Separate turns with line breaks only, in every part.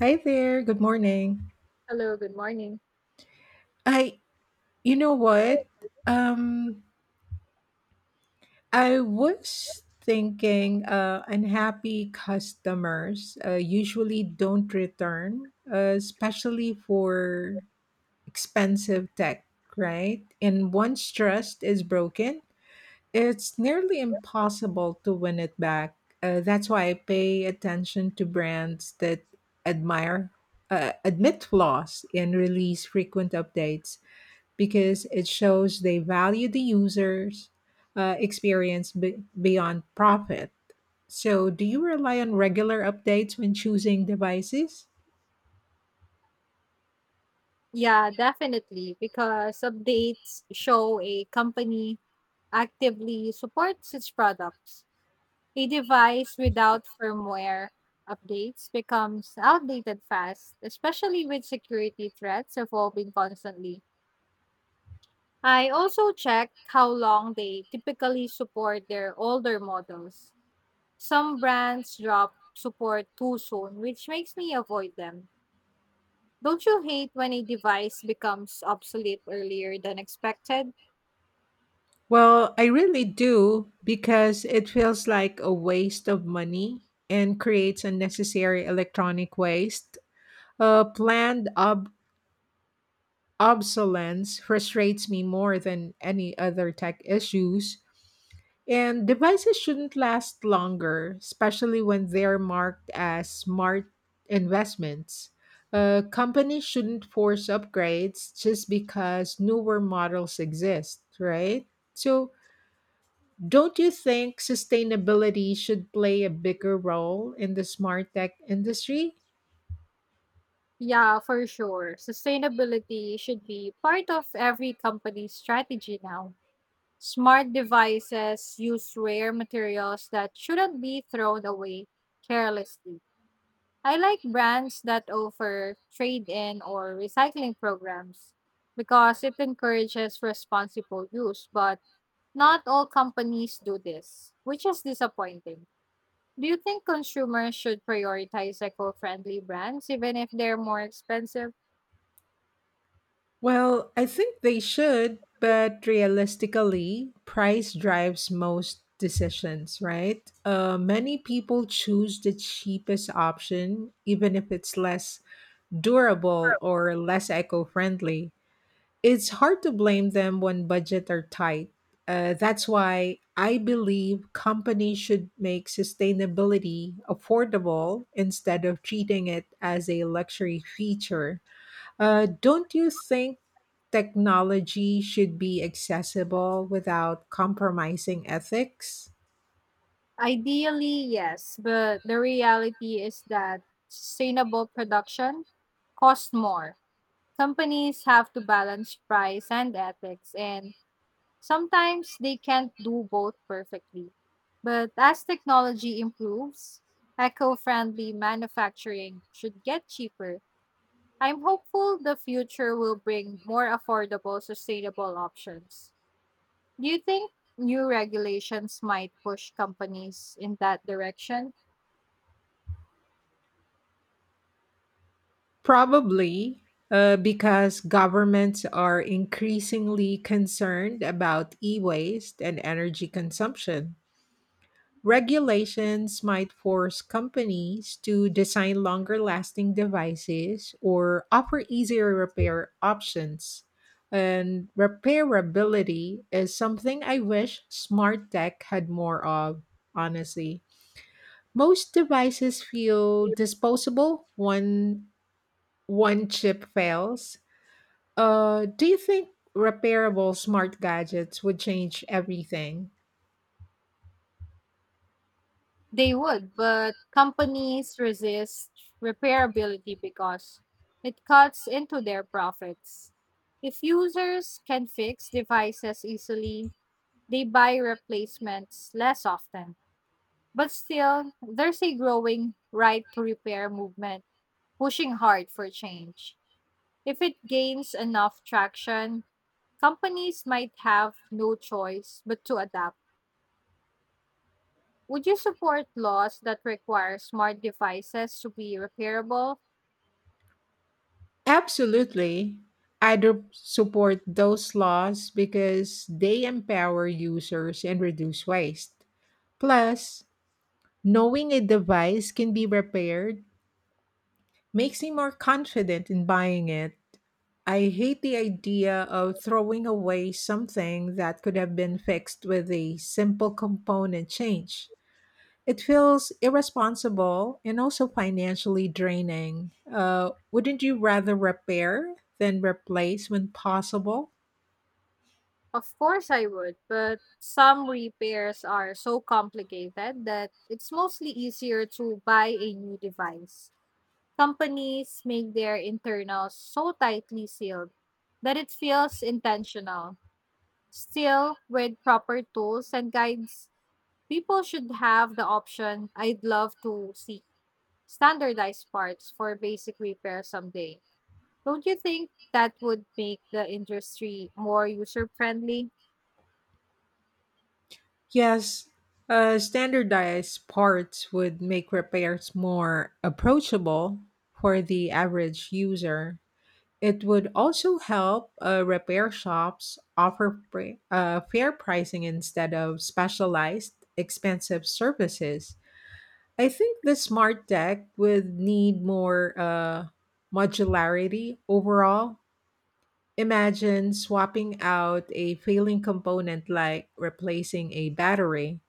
Hi there. Good morning.
Hello, good morning.
I, you know what? Um, I was thinking unhappy customers usually don't return, especially for expensive tech, right? And once trust is broken, it's nearly impossible to win it back. That's why I pay attention to brands that admire, admit flaws, and release frequent updates because it shows they value the user's experience beyond profit. So, do you rely on regular updates when choosing devices?
Yeah, definitely, because updates show a company actively supports its products. A device without firmware updates becomes outdated fast, especially with security threats evolving constantly. I also check how long they typically support their older models. Some brands drop support too soon, which makes me avoid them. Don't you hate when a device becomes obsolete earlier than expected?
Well, I really do because it feels like a waste of money and creates unnecessary electronic waste. Planned obsolescence frustrates me more than any other tech issues. And devices shouldn't last longer, especially when they're marked as smart investments. Companies shouldn't force upgrades just because newer models exist, right? So, don't you think sustainability should play a bigger role in the smart tech industry?
Yeah, for sure. Sustainability should be part of every company's strategy now. Smart devices use rare materials that shouldn't be thrown away carelessly. I like brands that offer trade in or recycling programs because it encourages responsible use, but not all companies do this, which is disappointing. Do you think consumers should prioritize eco-friendly brands even if they're more expensive?
Well, I think they should, but realistically, price drives most decisions, right? Many people choose the cheapest option, even if it's less durable or less eco friendly. It's hard to blame them when budgets are tight. That's why I believe companies should make sustainability affordable instead of treating it as a luxury feature. Don't you think technology should be accessible without compromising ethics?
Ideally, yes, but the reality is that sustainable production costs more. Companies have to balance price and ethics, and sometimes they can't do both perfectly. But as technology improves, eco-friendly manufacturing should get cheaper. I'm hopeful the future will bring more affordable, sustainable options. Do you think new regulations might push companies in that direction?
Probably, because governments are increasingly concerned about e waste and energy consumption. Regulations might force companies to design longer lasting devices or offer easier repair options. And repairability is something I wish smart tech had more of, honestly. Most devices feel disposable when one chip fails. Do you think repairable smart gadgets would change everything?
They would, but companies resist repairability because it cuts into their profits. If users can fix devices easily, they buy replacements less often. But still, there's a growing right to repair movement pushing hard for change. If it gains enough traction, companies might have no choice but to adapt. Would you support laws that require smart devices to be repairable?
Absolutely. I'd support those laws because they empower users and reduce waste. Plus, knowing a device can be repaired makes me more confident in buying it. I hate the idea of throwing away something that could have been fixed with a simple component change. It feels irresponsible and also financially draining. Wouldn't you rather repair than replace when possible?
Of course, I would, but some repairs are so complicated that it's mostly easier to buy a new device. Companies make their internals so tightly sealed that it feels intentional. Still, with proper tools and guides, people should have the option. I'd love to see standardized parts for basic repair someday. Don't you think that would make the industry more user friendly?
Yes, standardized parts would make repairs more approachable for the average user. It would also help repair shops offer fair pricing instead of specialized, expensive services. I think the smart tech would need more modularity overall. Imagine swapping out a failing component like replacing a battery.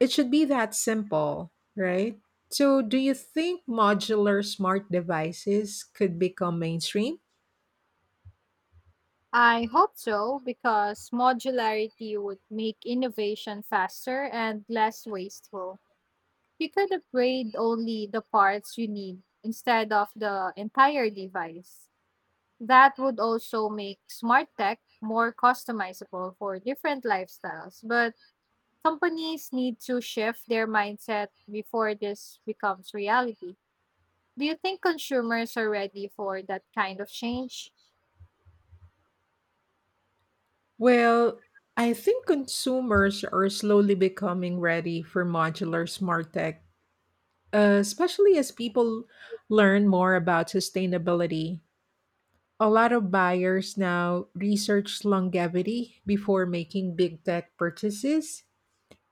It should be that simple, right? So, do you think modular smart devices could become mainstream?
I hope so because modularity would make innovation faster and less wasteful. You could upgrade only the parts you need instead of the entire device. That would also make smart tech more customizable for different lifestyles. But companies need to shift their mindset before this becomes reality. Do you think consumers are ready for that kind of change?
Well, I think consumers are slowly becoming ready for modular smart tech, especially as people learn more about sustainability. A lot of buyers now research longevity before making big tech purchases.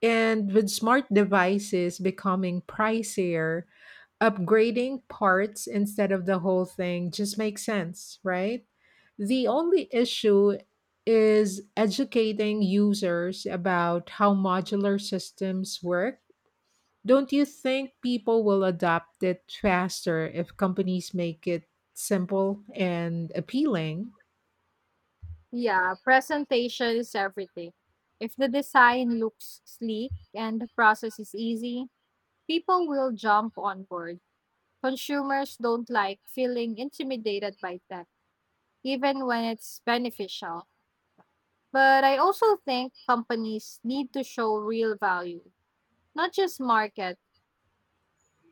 And with smart devices becoming pricier, upgrading parts instead of the whole thing just makes sense, right? The only issue is educating users about how modular systems work. Don't you think people will adopt it faster if companies make it simple and appealing?
Yeah, presentation is everything. If the design looks sleek and the process is easy, people will jump on board. Consumers don't like feeling intimidated by tech, even when it's beneficial. But I also think companies need to show real value, not just market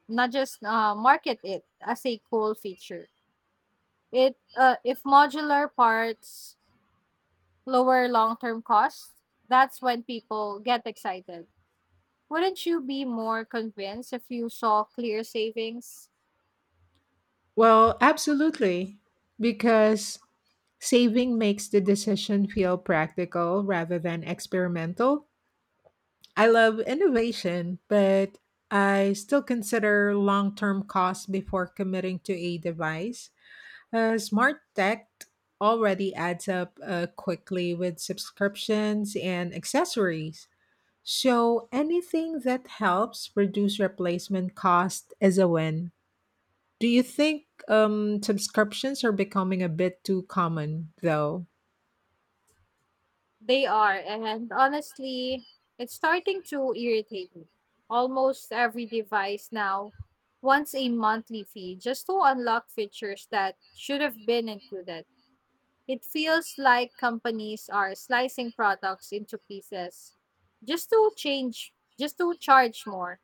not just market it as a cool feature. It If modular parts lower long-term costs, that's when people get excited. Wouldn't you be more convinced if you saw clear savings?
Well, absolutely, because saving makes the decision feel practical rather than experimental. I love innovation, but I still consider long term costs before committing to a device. Smart tech already adds up quickly with subscriptions and accessories. So anything that helps reduce replacement cost is a win. Do you think subscriptions are becoming a bit too common, though?
They are, and honestly, it's starting to irritate me. Almost every device now wants a monthly fee just to unlock features that should have been included. It feels like companies are slicing products into pieces just to charge more.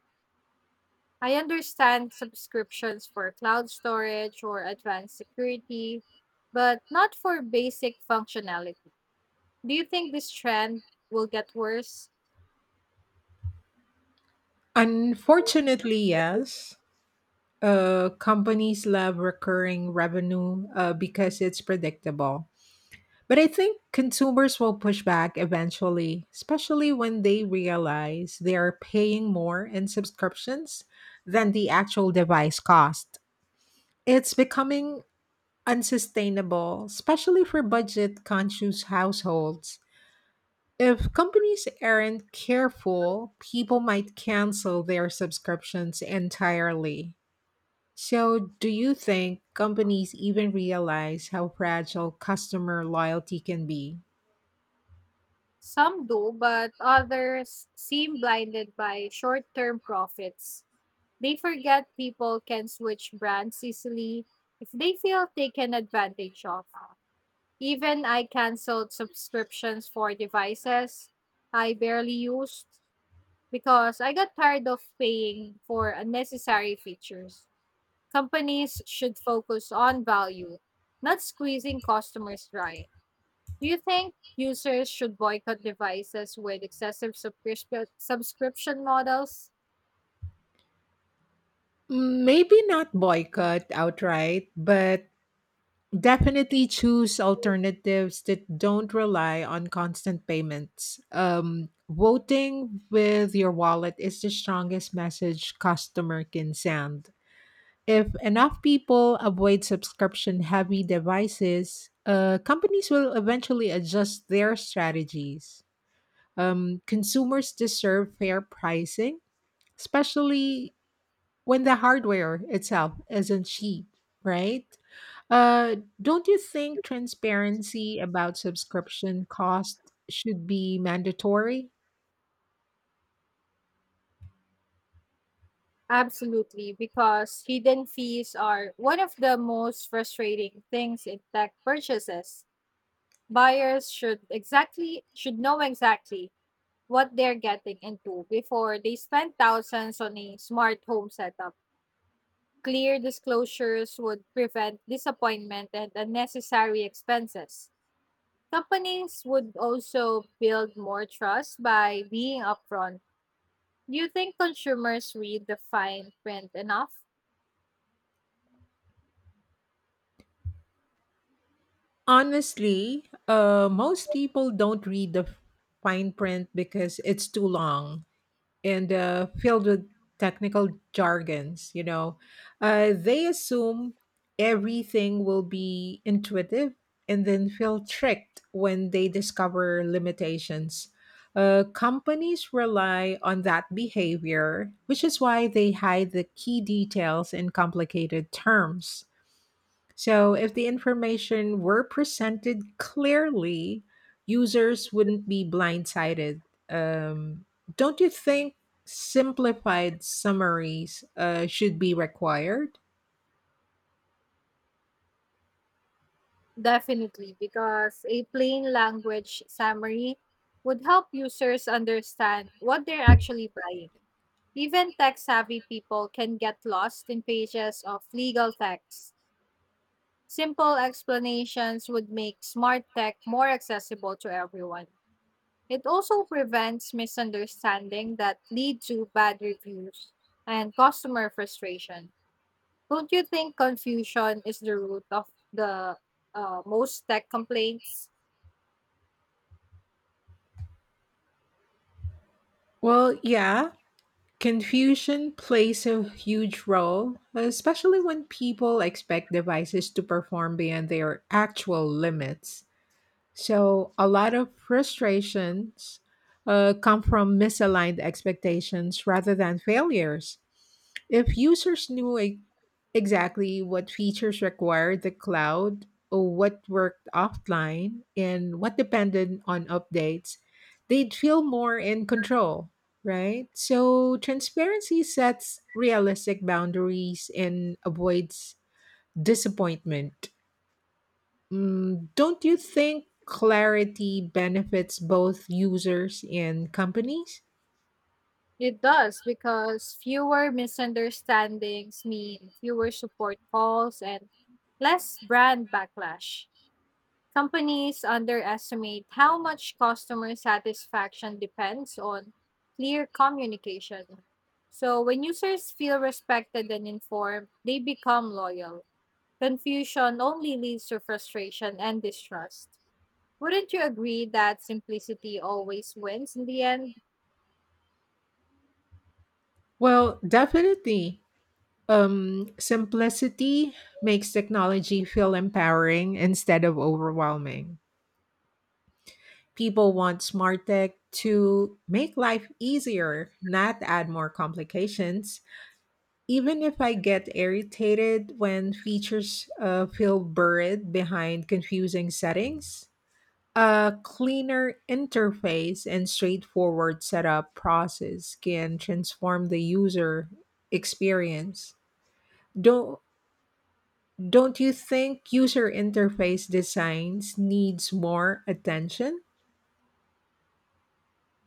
I understand subscriptions for cloud storage or advanced security, but not for basic functionality. Do you think this trend will get worse?
Unfortunately, yes. Companies love recurring revenue because it's predictable. But I think consumers will push back eventually, especially when they realize they are paying more in subscriptions than the actual device cost. It's becoming unsustainable, especially for budget conscious households. If companies aren't careful, people might cancel their subscriptions entirely. So, do you think companies even realize how fragile customer loyalty can be?
Some do, but others seem blinded by short term profits. They forget people can switch brands easily if they feel taken advantage of. Even I canceled subscriptions for devices I barely used because I got tired of paying for unnecessary features. Companies should focus on value, not squeezing customers dry. Do you think users should boycott devices with excessive subscription models?
Maybe not boycott outright, but definitely choose alternatives that don't rely on constant payments. Voting with your wallet is the strongest message customer can send. If enough people avoid subscription heavy devices, companies will eventually adjust their strategies. Consumers deserve fair pricing, especially when the hardware itself isn't cheap, right? Uh, don't you think transparency about subscription cost should be mandatory?
Absolutely, because hidden fees are one of the most frustrating things in tech purchases. Buyers should know exactly what they're getting into before they spend thousands on a smart home setup. Clear disclosures would prevent disappointment and unnecessary expenses. Companies would also build more trust by being upfront. Do you think consumers read the fine print enough?
Honestly, most people don't read the fine print because it's too long, and filled with technical jargons. They assume everything will be intuitive and then feel tricked when they discover limitations. Companies rely on that behavior, which is why they hide the key details in complicated terms. So, if the information were presented clearly, users wouldn't be blindsided. Um, don't you think simplified summaries should be required?
Definitely, because a plain language summary would help users understand what they're actually buying. Even tech savvy people can get lost in pages of legal texts. Simple explanations would make smart tech more accessible to everyone. It also prevents misunderstanding that lead to bad reviews and customer frustration. Don't you think confusion is the root of the most tech complaints?
Well, yeah, confusion plays a huge role, especially when people expect devices to perform beyond their actual limits. So a lot of frustrations come from misaligned expectations rather than failures. If users knew exactly what features required the cloud, or what worked offline, and what depended on updates, they'd feel more in control, right? So transparency sets realistic boundaries and avoids disappointment. Don't you think clarity benefits both users and companies?
It does because fewer misunderstandings mean fewer support calls and less brand backlash. Companies underestimate how much customer satisfaction depends on clear communication. So, when users feel respected and informed, they become loyal. Confusion only leads to frustration and distrust. Wouldn't you agree that simplicity always wins in the end?
Well, definitely. Simplicity makes technology feel empowering instead of overwhelming. People want smart tech to make life easier, not add more complications. Even if I get irritated when features feel buried behind confusing settings, a cleaner interface and straightforward setup process can transform the user experience. Don't don't you think user interface designs needs more attention?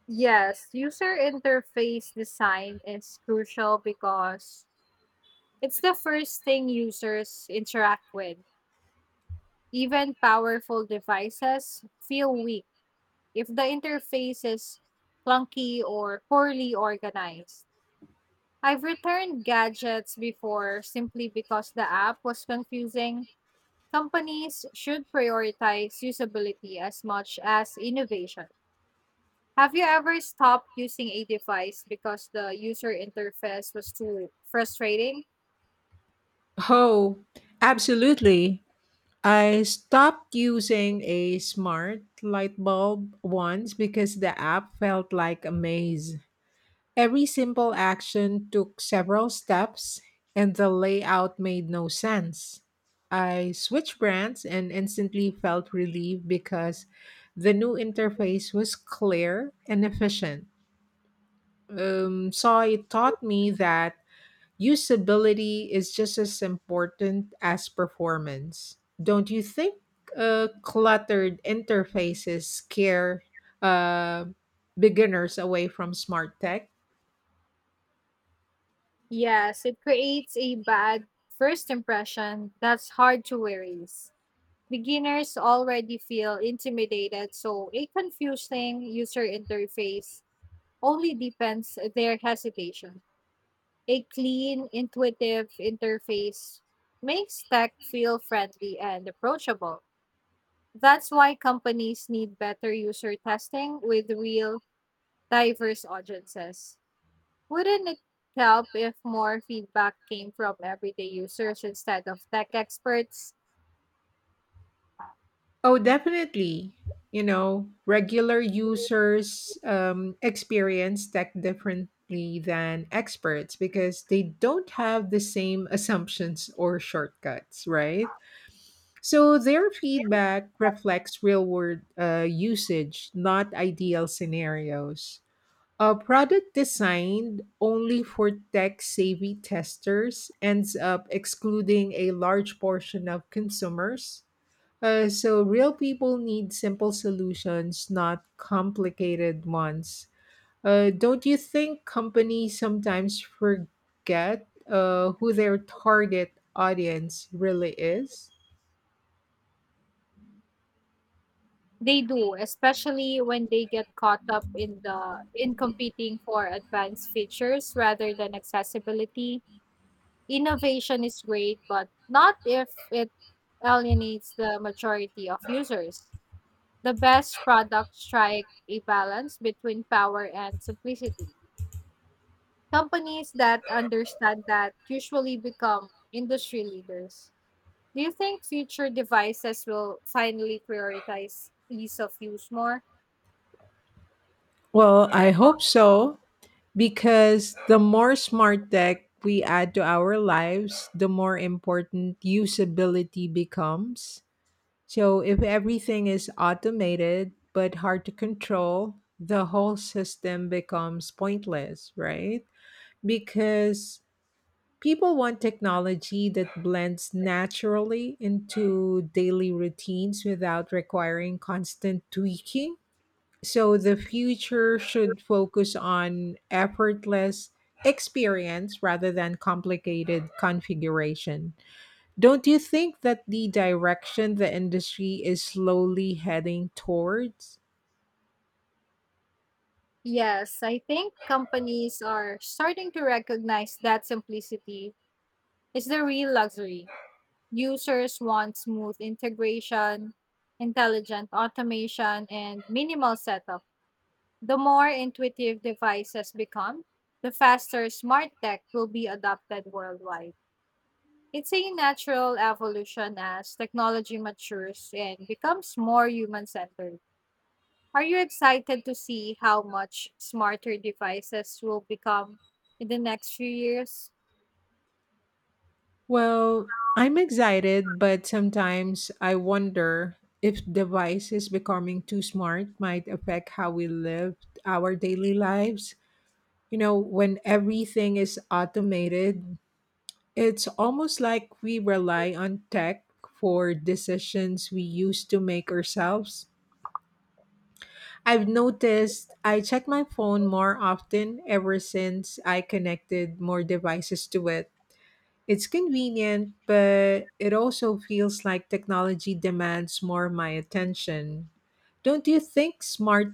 Yes, user interface design is crucial because it's the first thing users interact with. Even powerful devices feel weak if the interface is clunky or poorly organized. I've returned gadgets before simply because the app was confusing. Companies should prioritize usability as much as innovation. Have you ever stopped using a device because the user interface was too frustrating?
Oh, absolutely. I stopped using a smart light bulb once because the app felt like a maze. Every simple action took several steps, and the layout made no sense. I switched brands and instantly felt relieved because the new interface was clear and efficient. So it taught me that usability is just as important as performance. Don't you think cluttered interfaces scare uh, beginners away from smart tech?
Yes, it creates a bad first impression that's hard to erase. Beginners already feel intimidated, so a confusing user interface only deepens their hesitation. A clean, intuitive interface makes tech feel friendly and approachable. That's why companies need better user testing with real, diverse audiences. Wouldn't it help if more feedback came from everyday users instead of tech experts?
Oh, definitely. You know, regular users experience tech differently than experts because they don't have the same assumptions or shortcuts, right? So their feedback reflects real world usage, not ideal scenarios. A product designed only for tech savvy testers ends up excluding a large portion of consumers, so, real people need simple solutions, not complicated ones. Don't you think companies sometimes forget who their target audience really is?
They do, especially when they get caught up in the in competing for advanced features rather than accessibility. Innovation is great, but not if it alienates the majority of users. The best products strike a balance between power and simplicity. Companies that understand that usually become industry leaders. Do you think future devices will finally prioritize ease of use more?
Well, I hope so, because the more smart tech we add to our lives, the more important usability becomes. So if everything is automated but hard to control, the whole system becomes pointless, right? Because people want technology that blends naturally into daily routines without requiring constant tweaking. So the future should focus on effortless experience rather than complicated configuration. Don't you think that the direction the industry is slowly heading towards?
Yes, I think companies are starting to recognize that simplicity is the real luxury. Users want smooth integration, intelligent automation, and minimal setup. The more intuitive devices become, the faster smart tech will be adopted worldwide. It's a natural evolution as technology matures and becomes more human centered. Are you excited to see how much smarter devices will become in the next few years?
Well, I'm excited, but sometimes I wonder if devices becoming too smart might affect how we live our daily lives. You know, when everything is automated, it's almost like we rely on tech for decisions we used to make ourselves. I've noticed I check my phone more often ever since I connected more devices to it. It's convenient, but it also feels like technology demands more of my attention. Don't you think smart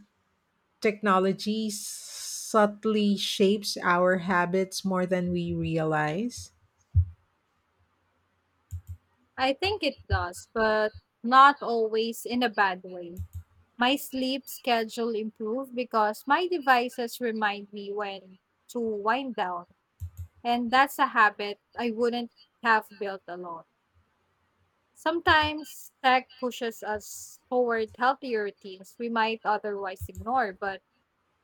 technology subtly shapes our habits more than we realize?
I think it does, but not always in a bad way. My sleep schedule improved because my devices remind me when to wind down, and that's a habit I wouldn't have built alone. Sometimes tech pushes us toward healthier routines we might otherwise ignore, but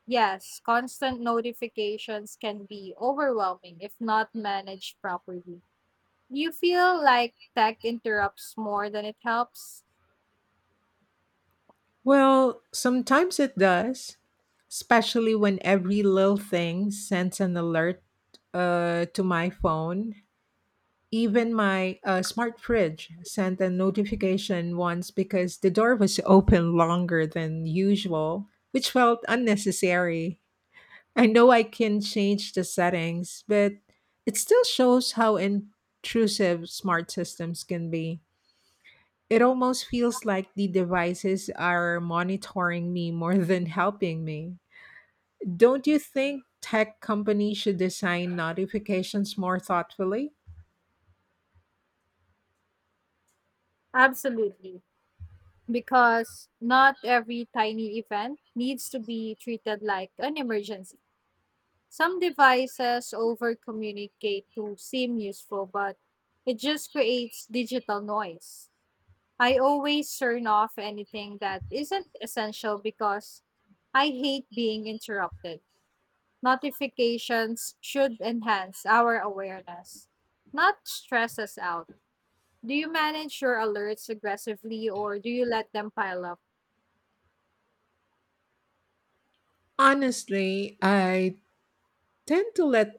yes, constant notifications can be overwhelming if not managed properly. Do you feel like tech interrupts more than it helps?
Well, sometimes it does, especially when every little thing sends an alert to my phone. Even my smart fridge sent a notification once because the door was open longer than usual, which felt unnecessary. I know I can change the settings, but it still shows how intrusive smart systems can be. It almost feels like the devices are monitoring me more than helping me. Don't you think tech companies should design notifications more thoughtfully?
Absolutely. Because not every tiny event needs to be treated like an emergency. Some devices over communicate to seem useful, but it just creates digital noise. I always turn off anything that isn't essential because I hate being interrupted. Notifications should enhance our awareness, not stress us out. Do you manage your alerts aggressively or do you let them pile up?
Honestly, I tend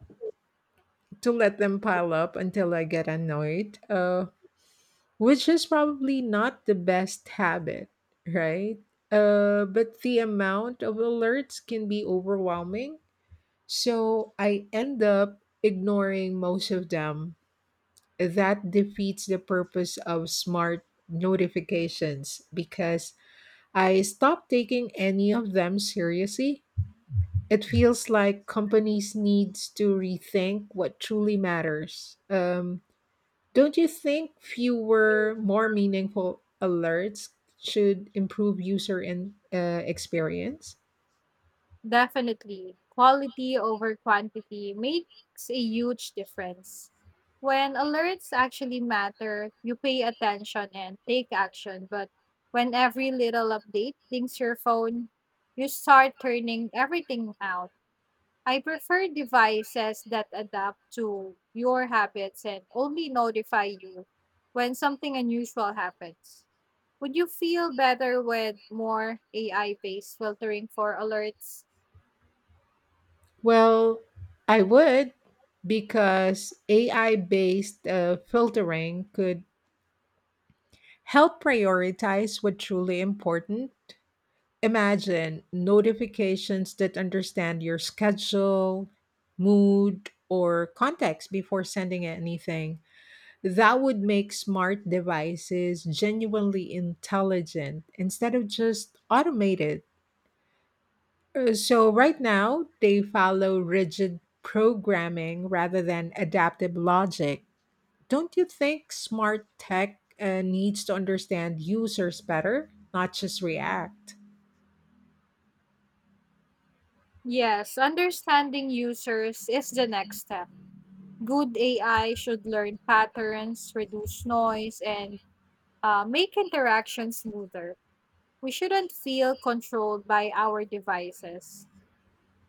to let them pile up until I get annoyed, which is probably not the best habit, right? But the amount of alerts can be overwhelming, so I end up ignoring most of them. That defeats the purpose of smart notifications because I stop taking any of them seriously. It feels like companies needs to rethink what truly matters. Don't you think fewer, more meaningful alerts should improve user experience?
Definitely, quality over quantity makes a huge difference. When alerts actually matter, you pay attention and take action, but when every little update dings your phone, you start turning everything out. I prefer devices that adapt to your habits and only notify you when something unusual happens. Would you feel better with more AI based filtering for alerts?
Well, I would because AI-based filtering could help prioritize what truly important. Imagine notifications that understand your schedule, mood, or context before sending anything. That would make smart devices genuinely intelligent instead of just automated. So, right now, they follow rigid programming rather than adaptive logic. Don't you think smart tech needs to understand users better, not just react?
Yes, understanding users is the next step. Good AI should learn patterns, reduce noise, and make interactions smoother. We shouldn't feel controlled by our devices.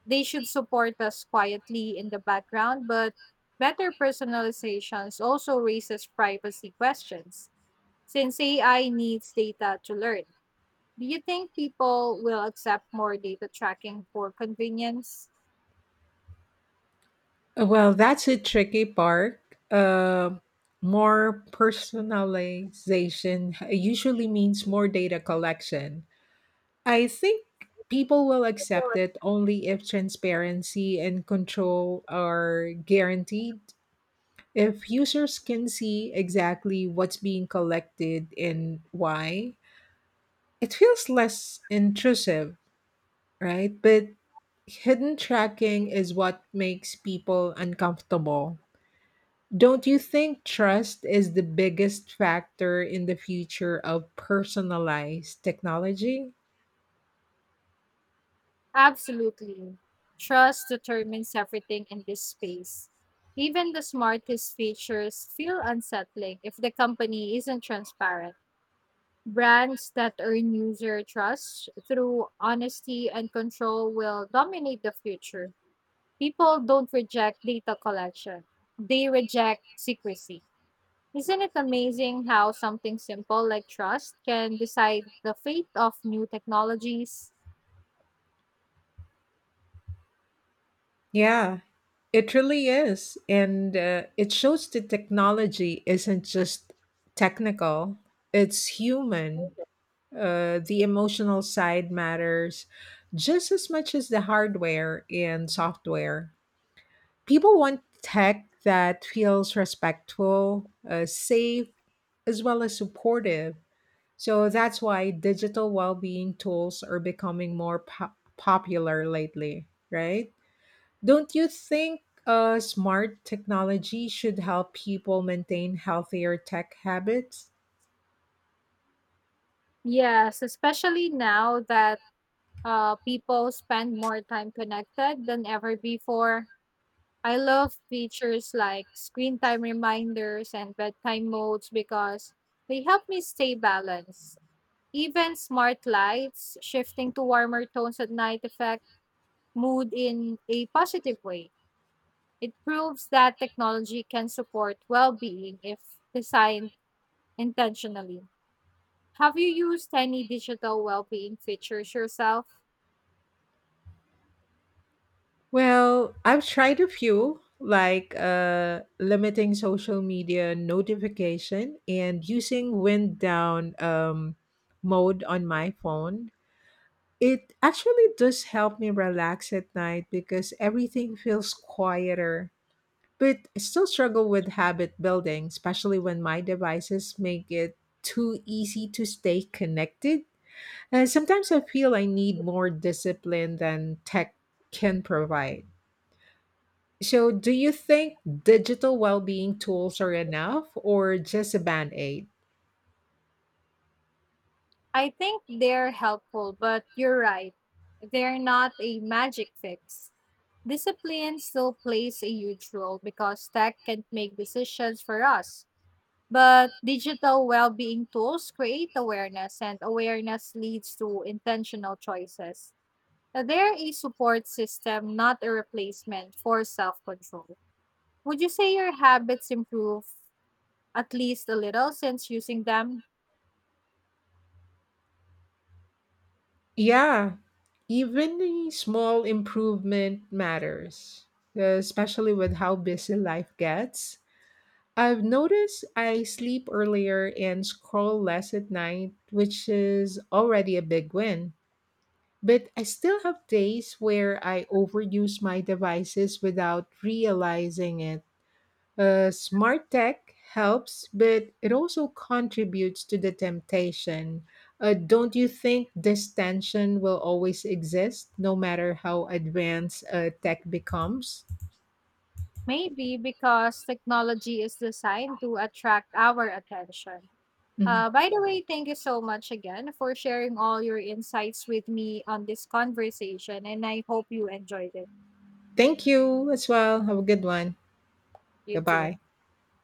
They should support us quietly in the background, but better personalizations also raises privacy questions since AI needs data to learn. Do you think people will accept more data tracking for convenience?
Well, that's a tricky part. Uh, More personalization usually means more data collection. I think people will accept it only if transparency and control are guaranteed. If users can see exactly what's being collected and why, it feels less intrusive, right? But hidden tracking is what makes people uncomfortable. Don't you think trust is the biggest factor in the future of personalized technology?
Absolutely. Trust determines everything in this space. Even the smartest features feel unsettling if the company isn't transparent. Brands that earn user trust through honesty and control will dominate the future. People don't reject data collection, they reject secrecy. Isn't it amazing how something simple like trust can decide the fate of new technologies?
Yeah, it really is. And it shows that technology isn't just technical, it's human. The emotional side matters just as much as the hardware and software. People want tech that feels respectful, safe, as well as supportive. So that's why digital well-being tools are becoming more popular lately, right? Don't you think smart technology should help people maintain healthier tech habits?
Yes, especially now that people spend more time connected than ever before. I love features like screen time reminders and bedtime modes because they help me stay balanced. Even smart lights shifting to warmer tones at night affect mood in a positive way. It proves that technology can support well being if designed intentionally. Have you used any digital well being features yourself?
Well, I've tried a few, like limiting social media notification and using wind down mode on my phone. It actually does help me relax at night because everything feels quieter. But I still struggle with habit building, especially when my devices make it too easy to stay connected. Sometimes I feel I need more discipline than tech can provide. So, do you think digital well being tools are enough or just a band aid?
I think they're helpful, but you're right. They're not a magic fix. Discipline still plays a huge role because tech can make decisions for us. But digital well being tools create awareness, and awareness leads to intentional choices. Now, they're a support system, not a replacement for self control. Would you say your habits improve at least a little since using them?
Yeah, even a small improvement matters, especially with how busy life gets. I've noticed I sleep earlier and scroll less at night, which is already a big win. But I still have days where I overuse my devices without realizing it. Smart tech helps, but it also contributes to the temptation. Don't you think this tension will always exist, no matter how advanced tech becomes?
Maybe because technology is designed to attract our attention.
Mhm.
By the way, thank you so much again for sharing all your insights with me on this conversation, and I hope you enjoyed it.
Thank you as well. Have a good one.
You too.
Goodbye.